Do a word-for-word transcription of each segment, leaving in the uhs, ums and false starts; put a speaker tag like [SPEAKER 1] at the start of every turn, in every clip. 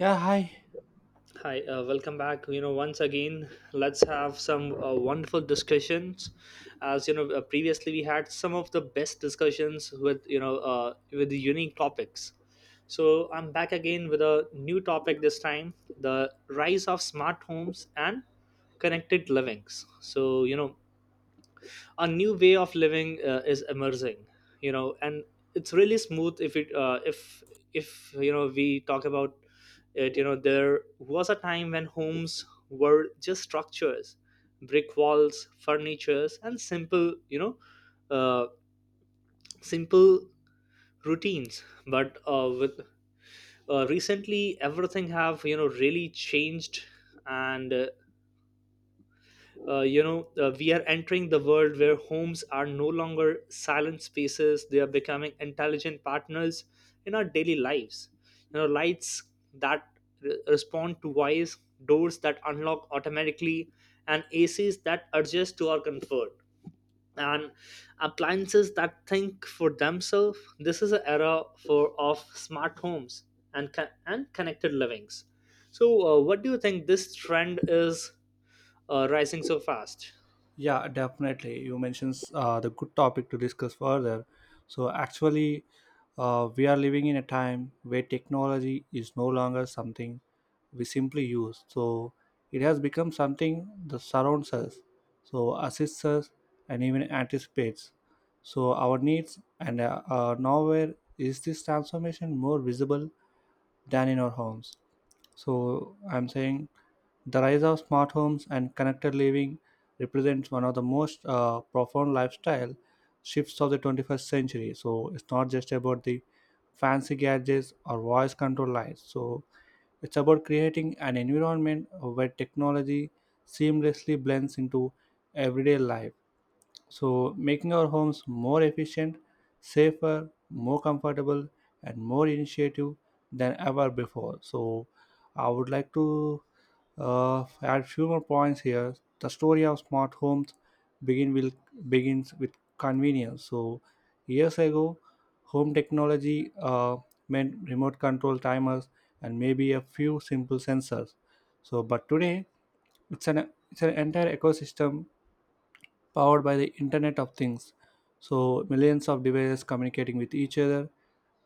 [SPEAKER 1] Yeah, hi.
[SPEAKER 2] Hi, uh, welcome back. You know, once again, let's have some uh, wonderful discussions. As you know, uh, previously we had some of the best discussions with you know uh, with the unique topics. So I'm back again with a new topic this time: the rise of smart homes and connected livings. So you know, a new way of living uh, is emerging, you know and it's really smooth if it uh, if if you know we talk about it you know There was a time when homes were just structures, brick walls, furnitures, and simple, you know uh, simple routines, but uh, with uh, recently everything have you know really changed. And uh, uh, you know uh, We are entering the world where homes are no longer silent spaces. They are becoming intelligent partners in our daily lives, you know lights that re- respond to voice, doors that unlock automatically, and ACs that adjust to our comfort, and appliances that think for themselves. This is an era for of smart homes and co- and connected livings. So uh, what do you think this trend is uh, rising so fast?
[SPEAKER 1] Yeah, definitely. You mentioned uh, the good topic to discuss further. So, actually, uh, we are living in a time where technology is no longer something we simply use. So, it has become something that surrounds us, so assists us, and even anticipates. So, our needs, and uh, uh, nowhere is this transformation more visible than in our homes. So I'm saying the rise of smart homes and connected living represents one of the most uh, profound lifestyle shifts of the twenty-first century. So it's not just about the fancy gadgets or voice control lights. So it's about creating an environment where technology seamlessly blends into everyday life. So, making our homes more efficient, safer, more comfortable, and more initiative than ever before. So, I would like to uh, add few more points here. The story of smart homes begin will begins with convenience. So, years ago, home technology uh, meant remote control timers and maybe a few simple sensors. So, but today it's an it's an entire ecosystem powered by the Internet of Things. So, millions of devices communicating with each other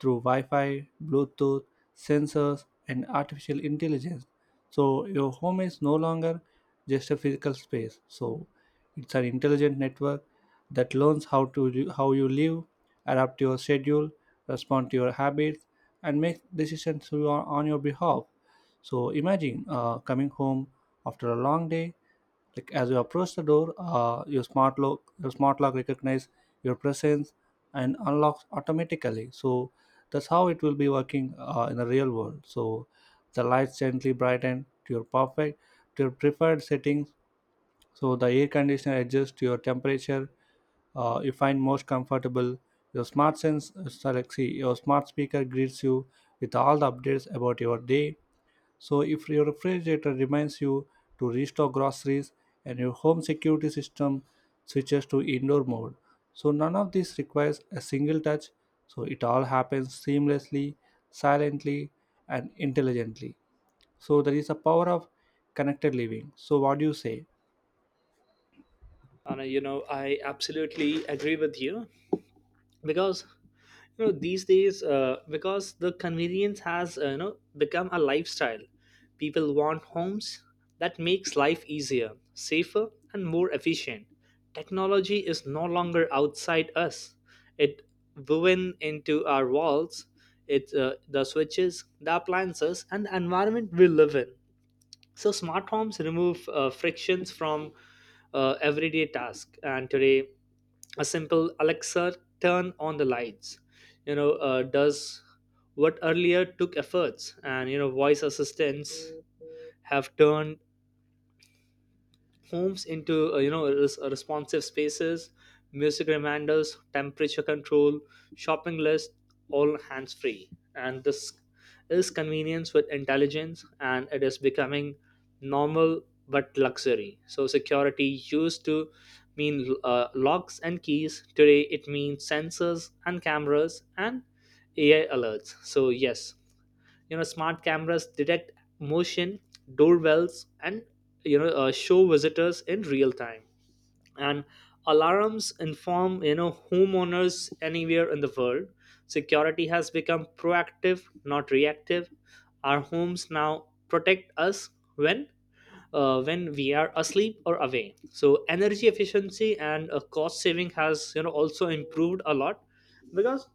[SPEAKER 1] through Wi Fi, Bluetooth, sensors, and artificial intelligence. So, your home is no longer just a physical space. So, it's an intelligent network that learns how to how you live, adapt to your schedule, respond to your habits, and make decisions on on your behalf. So imagine uh, coming home after a long day, like as you approach the door, uh, your smart lock your smart lock recognize your presence and unlocks automatically. So that's how it will be working uh, in the real world. So the lights gently brighten to your perfect to your preferred settings. So the air conditioner adjusts to your temperature uh, you find most comfortable. Your smart sense, uh, sorry, like, see, your smart speaker greets you with all the updates about your day. So, if your refrigerator reminds you to restock groceries and your home security system switches to indoor mode, so none of this requires a single touch, so it all happens seamlessly, silently, and intelligently. So, there is a power of connected living. So, what do you say?
[SPEAKER 2] And uh, you know I absolutely agree with you because you know these days uh, because the convenience has, uh, you know become a lifestyle. People want homes that makes life easier, safer, and more efficient. Technology is no longer outside us, it woven into our walls. It's uh, the switches, the appliances, and the environment we live in. So smart homes remove uh, frictions from uh, everyday task, and today a simple Alexa "turn on the lights" you know uh, does what earlier took efforts. And you know voice assistants have turned homes into, uh, you know res- responsive spaces. Music, reminders, temperature control, shopping list, all hands free. And this is convenience with intelligence, and it is becoming normal but luxury. So security used to mean uh, locks and keys. Today it means sensors and cameras and AI alerts. So yes, you know smart cameras detect motion, doorbells and you know uh, show visitors in real time, and alarms inform, you know homeowners anywhere in the world. Security has become proactive, not reactive. Our homes now protect us when, uh, when we are asleep or away. So energy efficiency and uh, cost saving has, you know also improved a lot, because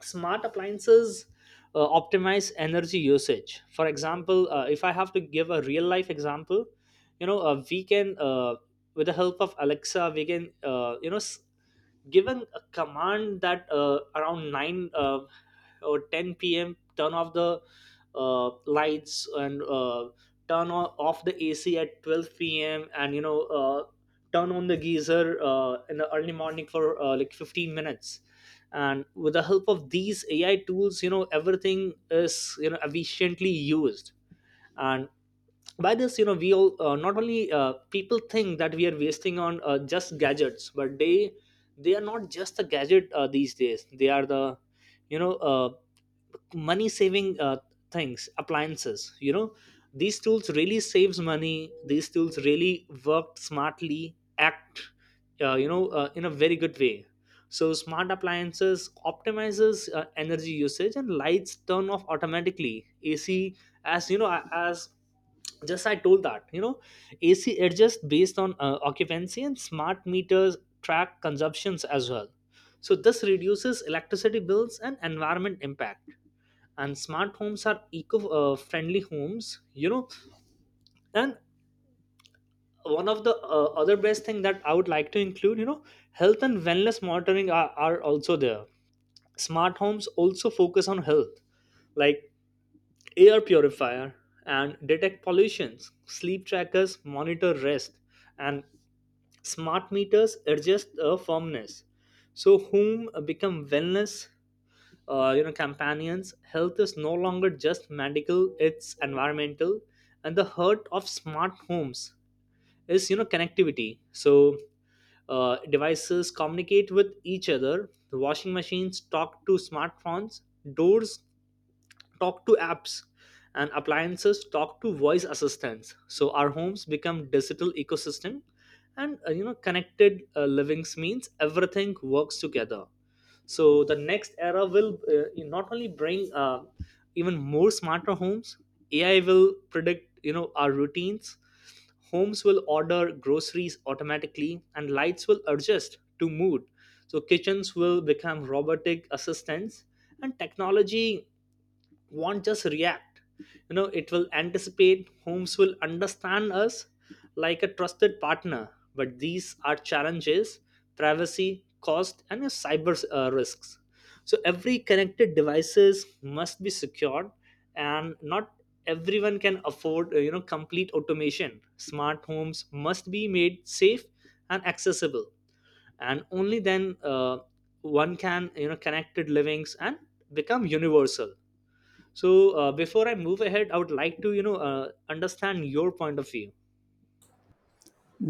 [SPEAKER 2] smart appliances uh, optimize energy usage. For example, uh, if I have to give a real life example, you know uh, we can, uh, with the help of Alexa, we can uh, you know s- given a command that uh, around nine uh, or ten p.m. turn off the uh, lights, and uh, turn o- off the ac at twelve p.m., and you know uh, turn on the geyser uh, in the early morning for uh, like fifteen minutes. And with the help of these AI tools, you know everything is, you know efficiently used. And by this, you know we all, uh, not only uh, people think that we are wasting on uh, just gadgets, but they they are not just the gadget uh, these days. They are the, you know uh, money saving uh, things, appliances, you know these tools really saves money. These tools really work smartly, act uh, you know uh, in a very good way. So smart appliances optimizes uh, energy usage, and lights turn off automatically. AC, as you know, as just I told that, you know AC adjusts based on uh, occupancy, and smart meters track consumptions as well. So this reduces electricity bills and environment impact, and smart homes are eco-friendly homes you know And one of the uh, other best thing that I would like to include, you know health and wellness monitoring are, are also there. Smart homes also focus on health, like air purifier and detect pollutions, sleep trackers monitor rest, and smart meters adjust the firmness. So home become wellness, uh, you know companions. Health is no longer just medical, it's environmental. And the heart of smart homes is, you know connectivity. So uh, devices communicate with each other. Washing machines talk to smartphones, doors talk to apps, and appliances talk to voice assistants. So our homes become digital ecosystem. And uh, you know connected uh, livings means everything works together. So the next era will uh, not only bring uh, even more smarter homes. AI will predict, you know our routines. Homes will order groceries automatically, and lights will adjust to mood. So kitchens will become robotic assistants, and technology won't just react, you know it will anticipate. Homes will understand us like a trusted partner. But these are challenges: privacy, cost, and uh, cyber uh, risks. So every connected devices must be secured, and not everyone can afford, uh, you know complete automation. Smart homes must be made safe and accessible, and only then uh, one can, you know connected livings and become universal. So uh, before I move ahead, I would like to you know uh, understand your point of view.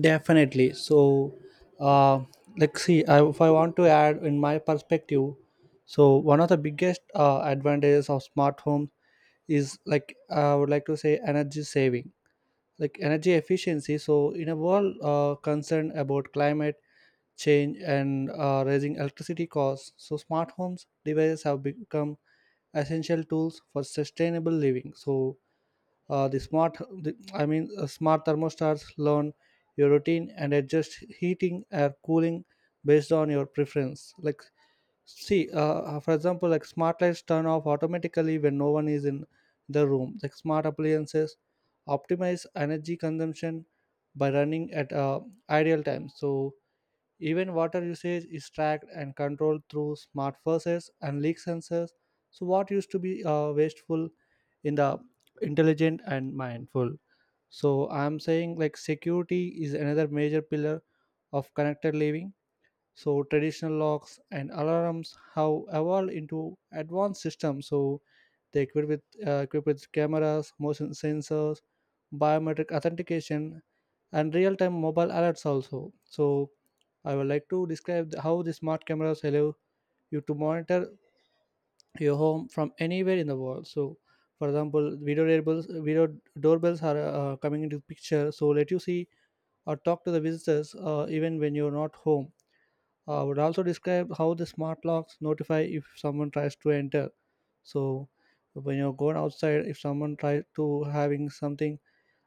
[SPEAKER 1] Definitely. So, uh, like, see, I, if I want to add in my perspective, so one of the biggest uh, advantages of smart homes is, like, I would like to say energy saving, like energy efficiency. So, in a world uh, concerned about climate change and uh, raising electricity costs, so smart homes devices have become essential tools for sustainable living. So, uh, the smart, the, I mean, uh, smart thermostats learn your routine and adjust heating or cooling based on your preference. Like, see, uh, uh, for example, like smart lights turn off automatically when no one is in the room. Like smart appliances optimize energy consumption by running at uh, ideal times. So even water usage is tracked and controlled through smart faucets and leak sensors. So what used to be uh, wasteful in the intelligent and mindful. So I'm saying, like, security is another major pillar of connected living. So traditional locks and alarms have evolved into advanced systems. So they equipped with uh, equipped with cameras, motion sensors, biometric authentication, and real-time mobile alerts also. So I would like to describe the- how the smart cameras allow you to monitor your home from anywhere in the world. So, for example, video doorbells video doorbells are uh, coming into picture, so let you see or talk to the visitors uh, even when you're not home. Uh, i would also describe how the smart locks notify if someone tries to enter. So when you're going outside, if someone tries to having something,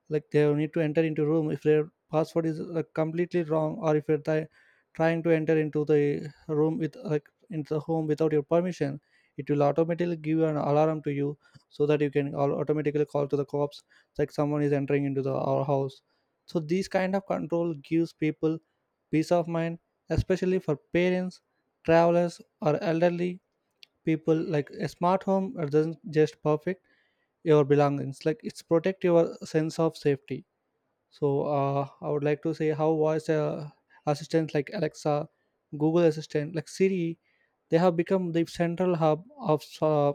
[SPEAKER 1] like they need to enter into room, if their password is like completely wrong, or if you're try- trying to enter into the room, with, like, into the home without your permission, it will automatically give an alarm to you, so that you can al- automatically call to the cops, like someone is entering into the our house. So these kind of control gives people peace of mind, especially for parents, travelers, or elderly people. Like, a smart home doesn't just perfect your belongings, like it's protect your sense of safety. So uh, I would like to say how voice uh, assistants like Alexa, Google Assistant, like Siri, they have become the central hub of uh,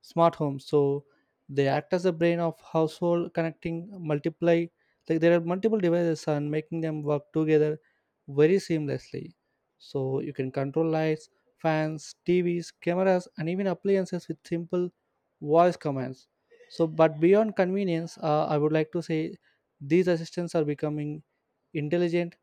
[SPEAKER 1] smart homes, so they act as the brain of household connecting multiply, like there are multiple devices and making them work together very seamlessly. So you can control lights, fans, TVs, cameras, and even appliances with simple voice commands. So but beyond convenience, uh, i would like to say these assistants are becoming intelligent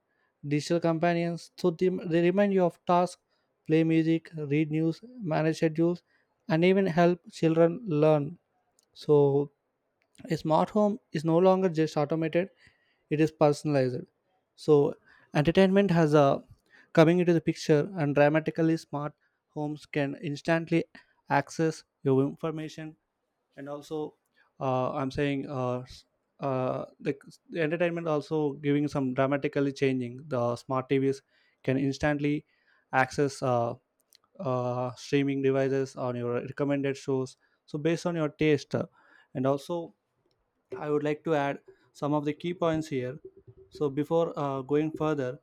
[SPEAKER 1] digital companions. So they they remind you of tasks, play music, read news, manage schedules, and even help children learn. So a smart home is no longer just automated; it is personalized. So entertainment has a coming into the picture, and dramatically smart homes can instantly access your information. And also uh, i'm saying uh, s- uh, the, the entertainment also giving some dramatically changing, the smart TVs can instantly access uh, uh, streaming devices on your recommended shows, so based on your taste, uh, and also I would like to add some of the key points here. So before uh, going further,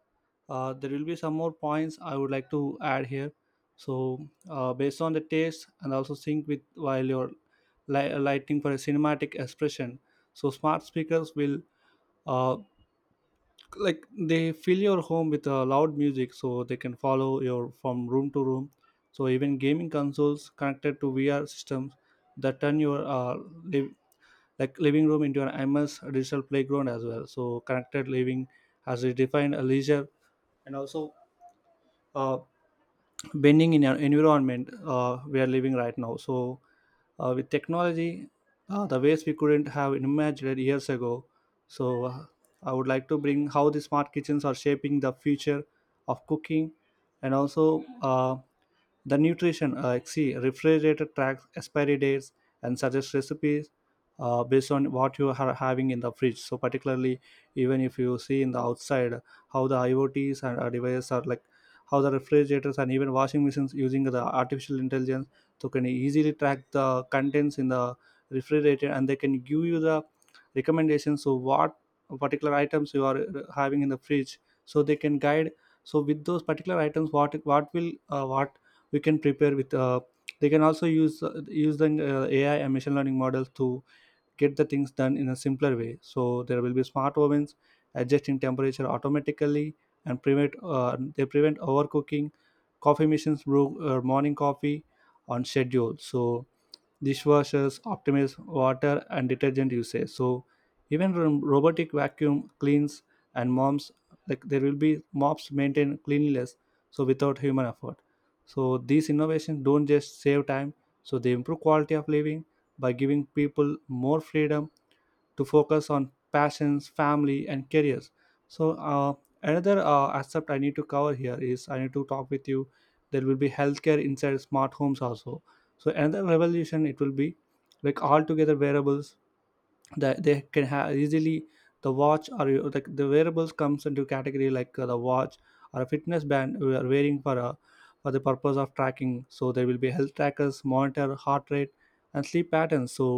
[SPEAKER 1] uh, there will be some more points I would like to add here. So uh, based on the taste and also sync with while you're li- lighting for a cinematic expression. So smart speakers will, uh, like, they fill your home with uh, loud music, so they can follow your from room to room. So even gaming consoles connected to V R systems that turn your uh, liv- like living room into an immense digital playground as well. So connected living has redefined a leisure, and also uh, bending in an environment uh, we are living right now. So uh, with technology, uh, the ways we couldn't have imagined years ago. So uh, I would like to bring how the smart kitchens are shaping the future of cooking, and also uh, the nutrition, uh, like, see, refrigerator tracks expiry dates and suggests recipes uh, based on what you are having in the fridge. So particularly, even if you see in the outside how the IoTs and uh, devices are, like, how the refrigerators and even washing machines using the artificial intelligence, so can easily track the contents in the refrigerator, and they can give you the recommendations. So what particular items you are uh, having in the fridge, so they can guide. So with those particular items, what what will, uh, what we can prepare with, uh, they can also use uh, use the uh, AI and machine learning models to get the things done in a simpler way. So there will be smart ovens adjusting temperature automatically, and prevent uh, they prevent overcooking. Coffee machines brew uh, morning coffee on schedule. So dishwashers optimize water and detergent usage. So even ro- robotic vacuum cleans and mops, like there will be mops maintain cleanliness, so without human effort. So these innovations don't just save time, so they improve quality of living by giving people more freedom to focus on passions, family, and careers. So, uh, another uh, aspect I need to cover here is I need to talk with you. There will be healthcare inside smart homes also. So, another revolution it will be, like, altogether wearables that they can have easily the watch, or you- the, the wearables comes into category, like uh, the watch or a fitness band we are wearing for a for the purpose of tracking. So there will be health trackers monitor heart rate and sleep patterns, so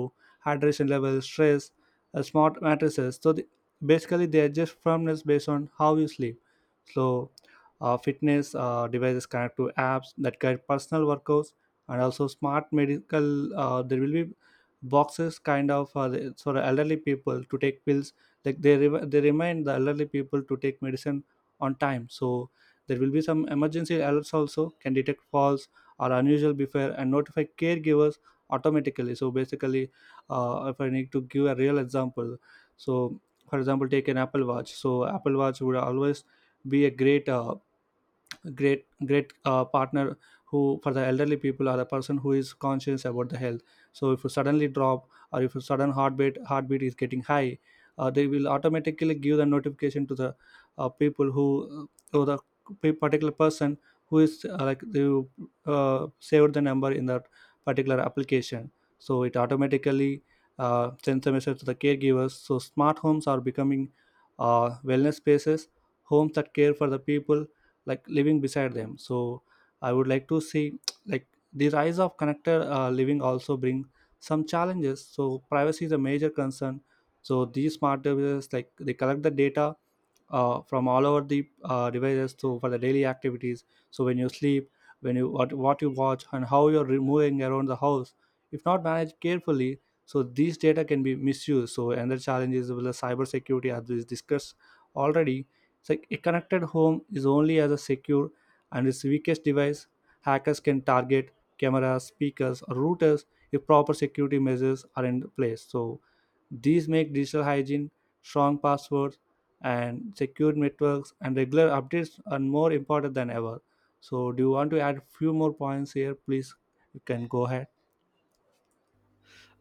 [SPEAKER 1] hydration levels, stress. Uh, smart mattresses, so the, basically they adjust firmness based on how you sleep. So uh, fitness uh, devices connect to apps that guide personal workouts. And also smart medical, uh, there will be boxes kind of for the, for the elderly people to take pills, like they re- they remind the elderly people to take medicine on time. So there will be some emergency alerts also, can detect false or unusual before and notify caregivers automatically. So basically, uh, if I need to give a real example, so for example take an Apple Watch, so Apple Watch would always be a great uh, great great uh, partner who for the elderly people, or the person who is conscious about the health. So if you suddenly drop, or if your sudden heartbeat heartbeat is getting high, uh, they will automatically give the notification to the uh, people who to the p- particular person who is, uh, like, they uh, saved the number in that particular application. So it automatically uh, sends a message to the caregivers. So smart homes are becoming uh, wellness spaces, homes that care for the people, like living beside them. So I would like to see like the rise of connected uh, Living also bring some challenges. So privacy is a major concern. So these smart devices, like, they collect the data uh, from all over the uh, devices to for the daily activities. So when you sleep, when you what, what you watch and how you're re- moving around the house, if not managed carefully, so these data can be misused. So another challenge is with the cyber security, as we discussed already. It's like a connected home is only as a secure and its weakest device. Hackers can target cameras, speakers or routers if proper security measures are in place. So these make digital hygiene, strong passwords, and secure networks and regular updates are more important than ever. So, do you want to add a few more points here? Please, you can go ahead.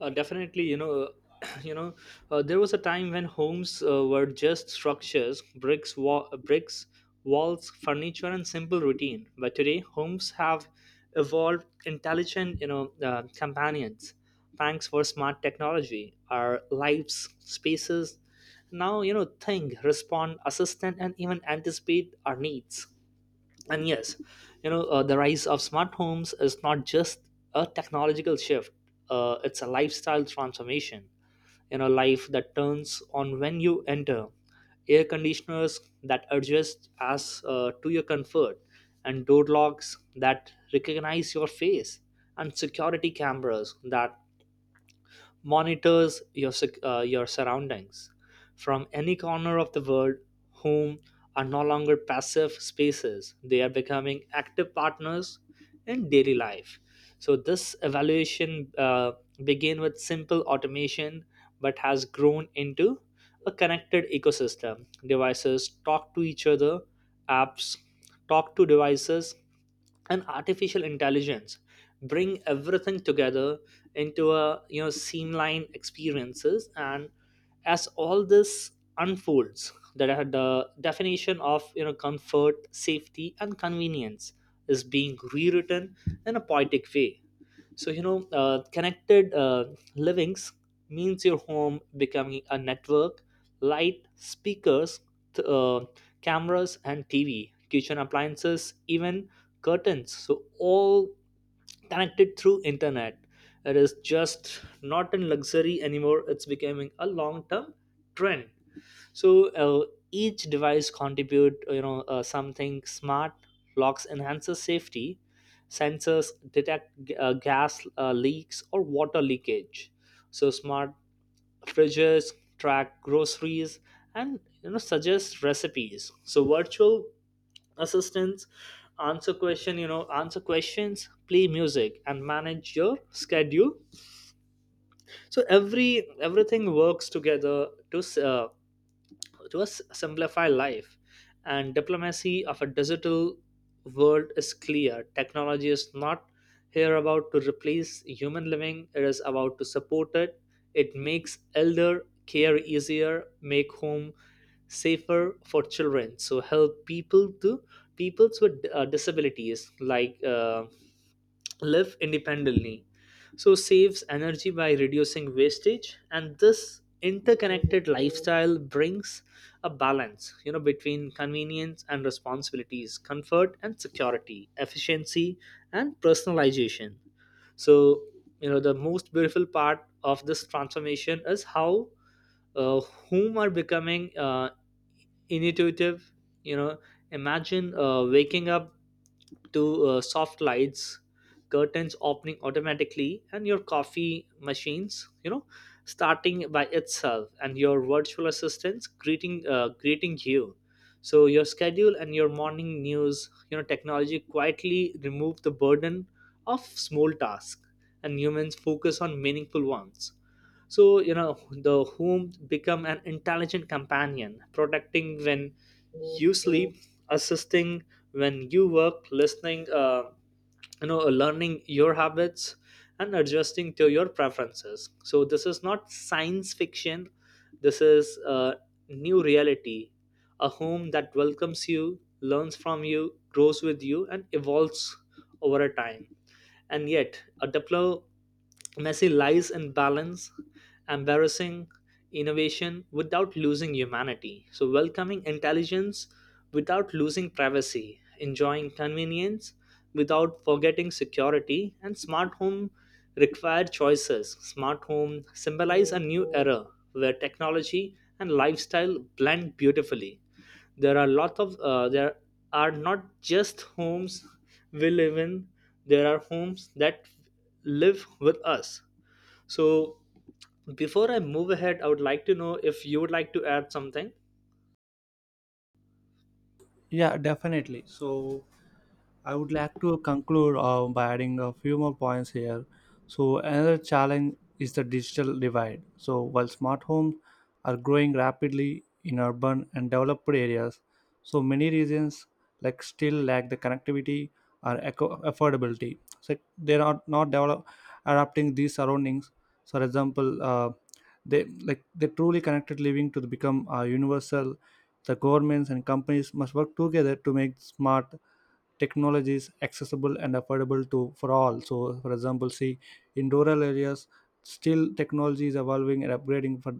[SPEAKER 2] Uh, definitely, you know, you know, uh, there was a time when homes uh, were just structures, bricks, wa- bricks, walls, furniture, and simple routine. But today, homes have evolved intelligent, you know, uh, companions. Thanks for smart technology, our lives, spaces, now you know think, respond, assistant, and even anticipate our needs. And yes, you know, uh, the rise of smart homes is not just a technological shift, uh, it's a lifestyle transformation. You know, life that turns on when you enter, air conditioners that adjust as uh, to your comfort, and door locks that recognize your face, and security cameras that monitors your sec- uh, your surroundings from any corner of the world. Whom are no longer passive spaces, they are becoming active partners in daily life. So this evaluation uh, began with simple automation but has grown into a connected ecosystem. Devices talk to each other, apps talk to devices, and artificial intelligence bring everything together into a, you know streamlined experiences. And as all this unfolds, that the definition of, you know comfort, safety, and convenience is being rewritten in a poetic way. So you know uh, connected uh, livings means your home becoming a network. Light, speakers, th- uh, cameras and TV, kitchen appliances, even curtains, so all connected through internet. It is just not a luxury anymore, it's becoming a long term trend. So uh, each device contribute, you know uh, something. Smart locks enhances safety, sensors detect uh, gas uh, leaks or water leakage. So smart fridges, track groceries, and you know suggest recipes. So virtual assistants answer question you know answer questions, play music, and manage your schedule. So every everything works together to, uh, to us simplify life. And diplomacy of a digital world is clear: technology is not here about to replace human living, it is about to support it. It makes elder care easier, make home safer for children, so help people to peoples with uh, disabilities like uh, live independently. So saves energy by reducing wastage. And this interconnected lifestyle brings a balance, you know between convenience and responsibilities, comfort and security, efficiency and personalization. So, you know the most beautiful part of this transformation is how uh, whom are becoming uh, intuitive. You know, imagine uh, waking up to uh, soft lights, curtains opening automatically, and your coffee machines, you know starting by itself, and your virtual assistants greeting uh, greeting you. So your schedule and your morning news, you know technology quietly remove the burden of small tasks, and humans focus on meaningful ones. So, you know the whom become an intelligent companion, protecting when you sleep, assisting when you work, listening uh, you know learning your habits and adjusting to your preferences. So this is not science fiction, this is a new reality. A home that welcomes you, learns from you, grows with you, and evolves over a time. And yet a diplo Messi lies in balance, embarrassing innovation without losing humanity. So, welcoming intelligence without losing privacy, enjoying convenience without forgetting security, and smart home require choices. Smart home symbolize a new era where technology and lifestyle blend beautifully. There are lots of uh, there are not just homes we live in, there are homes that live with us. So before I move ahead, I would like to know if you would like to add something.
[SPEAKER 1] Yeah, definitely. So, I would like to conclude uh, by adding a few more points here. So, another challenge is the digital divide. So, while smart homes are growing rapidly in urban and developed areas, so many regions, like, still lack the connectivity or eco- affordability. So, they are not develop- adapting these surroundings. So, for example, uh, they like they truly connected living to become uh, universal. The governments and companies must work together to make smart technology is accessible and affordable to for all. So for example, see, in rural areas still technology is evolving and upgrading for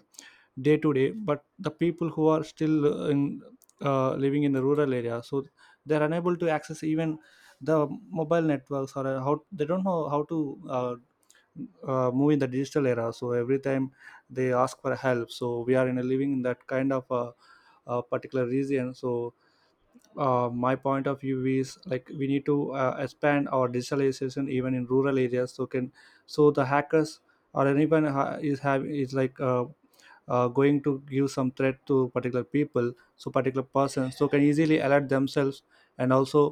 [SPEAKER 1] day to day, but the people who are still uh, in uh, living in the rural area, so they're unable to access even the mobile networks, or uh, how they don't know how to uh, uh, move in the digital era. So every time they ask for help, so we are in a living in that kind of a, a particular region. So uh, my point of view is, like, we need to uh, expand our digitalization even in rural areas, so can, so the hackers or anyone ha- is have is like uh, uh, going to give some threat to particular people, so particular person, so can easily alert themselves and also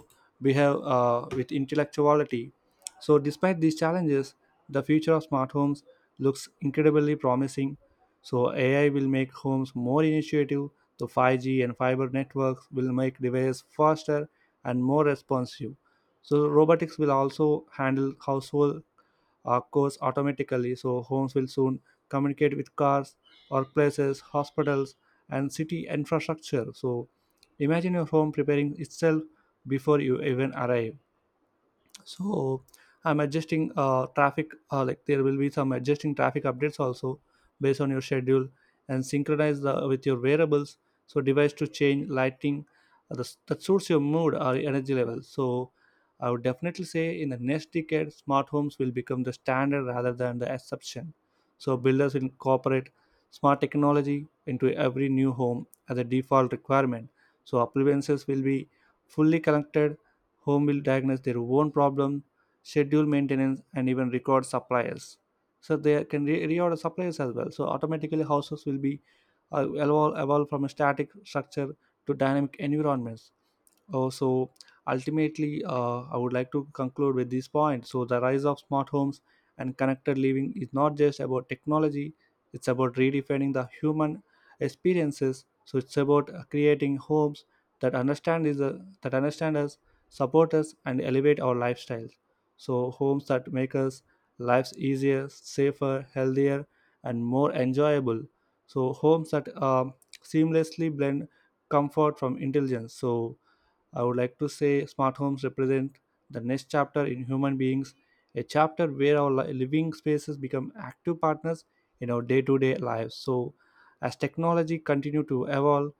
[SPEAKER 1] behave uh, with intellectuality. So despite these challenges, the future of smart homes looks incredibly promising. So AI will make homes more initiative. The five G and fiber networks will make devices faster and more responsive. So robotics will also handle household uh, cars automatically, so homes will soon communicate with cars, workplaces, hospitals, and city infrastructure. So imagine your home preparing itself before you even arrive. So I'm adjusting uh, traffic, uh, like, there will be some adjusting traffic updates also based on your schedule and synchronize the, with your variables. So device to change lighting, uh, the, that suits your mood or energy level. So I would definitely say in the next decade smart homes will become the standard rather than the exception. So builders will incorporate smart technology into every new home as a default requirement. So appliances will be fully connected. Home will diagnose their own problem, schedule maintenance, and even record suppliers. So they can re- reorder suppliers as well. So automatically houses will be uh, evolve, evolve from a static structure to dynamic environments. Oh, so ultimately, uh, I would like to conclude with this point. So, the rise of smart homes and connected living is not just about technology, it's about redefining the human experiences. So, it's about uh, creating homes that understand, is, uh, that understand us, support us, and elevate our lifestyles. So, homes that make us lives easier, safer, healthier, and more enjoyable. So, homes that um seamlessly blend comfort from intelligence. So, I would like to say smart homes represent the next chapter in human beings, a chapter where our li- living spaces become active partners in our day-to-day lives. So, as technology continue to evolve,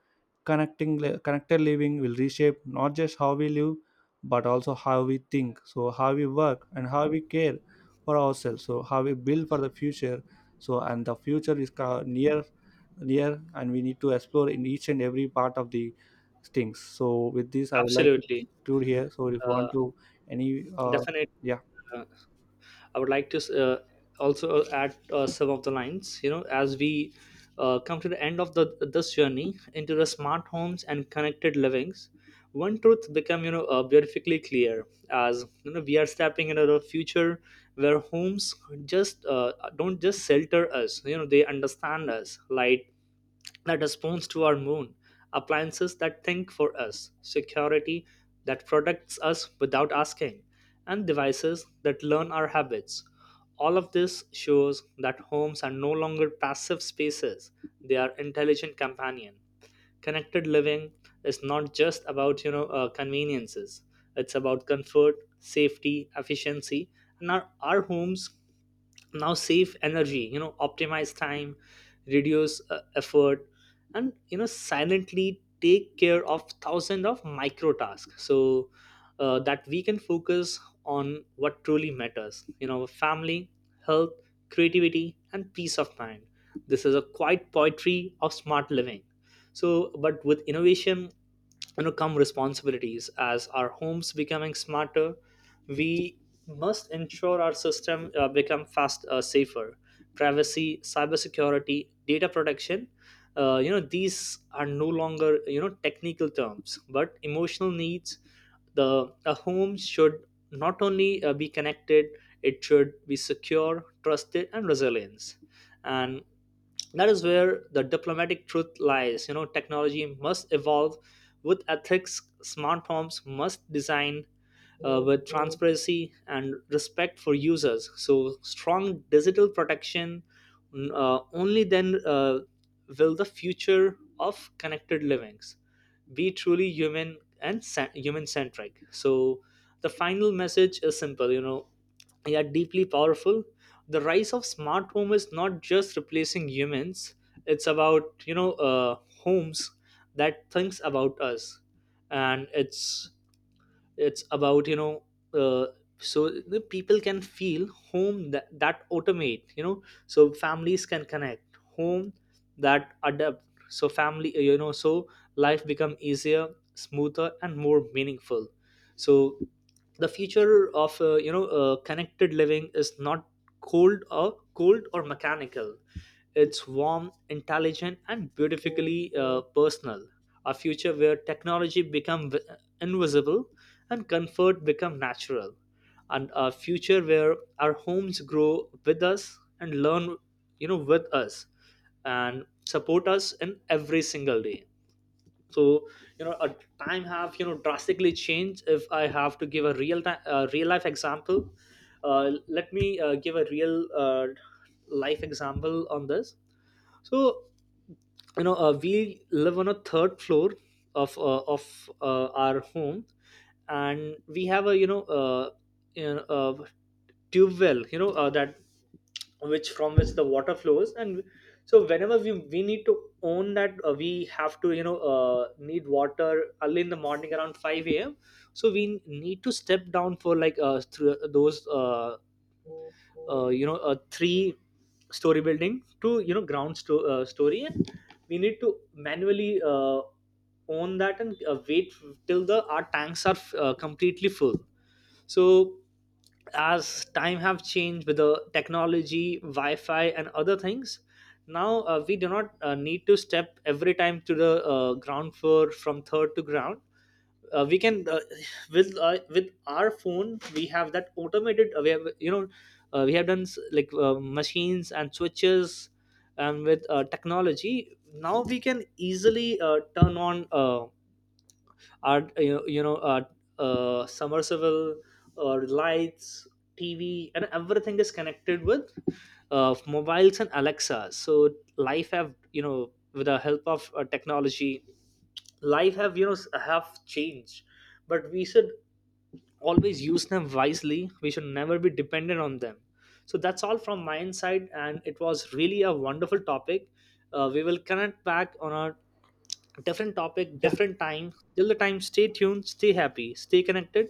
[SPEAKER 1] connecting li- connected living will reshape not just how we live but also how we think, so how we work and how we care for ourselves, so how we build for the future. So and the future is ca- near near, and we need to explore in each and every part of the things. So with this I would like to
[SPEAKER 2] Absolutely.
[SPEAKER 1] conclude here. So if you want
[SPEAKER 2] uh,
[SPEAKER 1] to any, uh,
[SPEAKER 2] Definitely,
[SPEAKER 1] yeah.
[SPEAKER 2] I would like to uh, also add uh, some of the lines. You know, as we uh, come to the end of the this journey into the smart homes and connected livings, one truth become, you know uh, beautifully clear. As you know, we are stepping into the future where homes just uh, don't just shelter us. You know, they understand us. Light that responds to our moon, appliances that think for us, security that protects us without asking, and devices that learn our habits. All of this shows that homes are no longer passive spaces, they are intelligent companion. Connected living is not just about, you know, uh, conveniences. It's about comfort, safety, efficiency, and our, our homes now save energy you know optimize time, reduce uh, effort, and you know silently take care of thousands of micro tasks, so uh, that we can focus on what truly matters you know family, health, creativity, and peace of mind. This is a quiet poetry of smart living. So but with innovation you know come responsibilities. As our homes becoming smarter, we must ensure our system uh, become fast, uh, safer. Privacy, cybersecurity, data protection, uh, you know these are no longer you know technical terms but emotional needs. The A home should not only uh, be connected, it should be secure, trusted, and resilient. And that is where the diplomatic truth lies. You know technology must evolve with ethics. Smart homes must design uh, with transparency and respect for users, so strong digital protection. Mm, uh, only then uh, will the future of connected livings be truly human and human centric. So the final message is simple, you know yeah deeply powerful. The rise of smart home is not just replacing humans, it's about you know uh, homes that thinks about us. And it's it's about you know uh, so the people can feel home that, that automate. You know so families can connect, home that adapt, so family. You know so life become easier, smoother and more meaningful. So the future of uh, you know uh, connected living is not cold or cold or mechanical, it's warm, intelligent, and beautifully uh, personal. A future where technology become v- invisible and comfort become natural. And a future where our homes grow with us and learn, you know with us, and support us in every single day. So, you know a time have you know drastically changed. If I have to give a real time, uh, real life example, uh, let me uh, give a real, uh, life example on this. So, you know uh, we live on a third floor of uh, of uh, our home, and we have a you know uh, you know, uh, tube well, you know uh, that, which from which the water flows. And so whenever we we need to own that, uh, we have to, you know uh, need water early in the morning around five a m a.m. So we need to step down for like, uh, through those uh, uh, you know a three story building to, you know ground sto- uh, story, and we need to manually uh, own that, and uh, wait till the our tanks are uh, completely full. So as time have changed with the technology, wi-fi and other things, now uh, we do not uh, need to step every time to the uh, ground floor, from third to ground. Uh, we can, uh, with uh, with our phone we have that automated. Uh, we have, you know uh, we have done s- like uh, machines and switches, and with uh, technology now we can easily uh, turn on uh, our you know, you know uh, uh, submersible, or lights, TV, and everything is connected with uh, mobiles and Alexa. So life have, you know with the help of uh, technology, life have, you know s- have changed. But we should always use them wisely, we should never be dependent on them. So that's all from my side, and it was really a wonderful topic. Uh, we will connect back on a different topic,
[SPEAKER 1] Yeah,
[SPEAKER 2] different time. Till the time, stay tuned, stay happy, stay connected.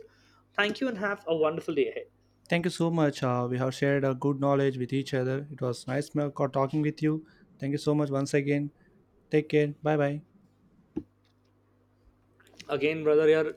[SPEAKER 2] Thank you, and have a wonderful day ahead.
[SPEAKER 1] thank you so much. Uh, we have shared a good knowledge with each other. It was nice ma- talking with you. Thank you so much once again. Take care, bye bye.
[SPEAKER 2] Again, brother here.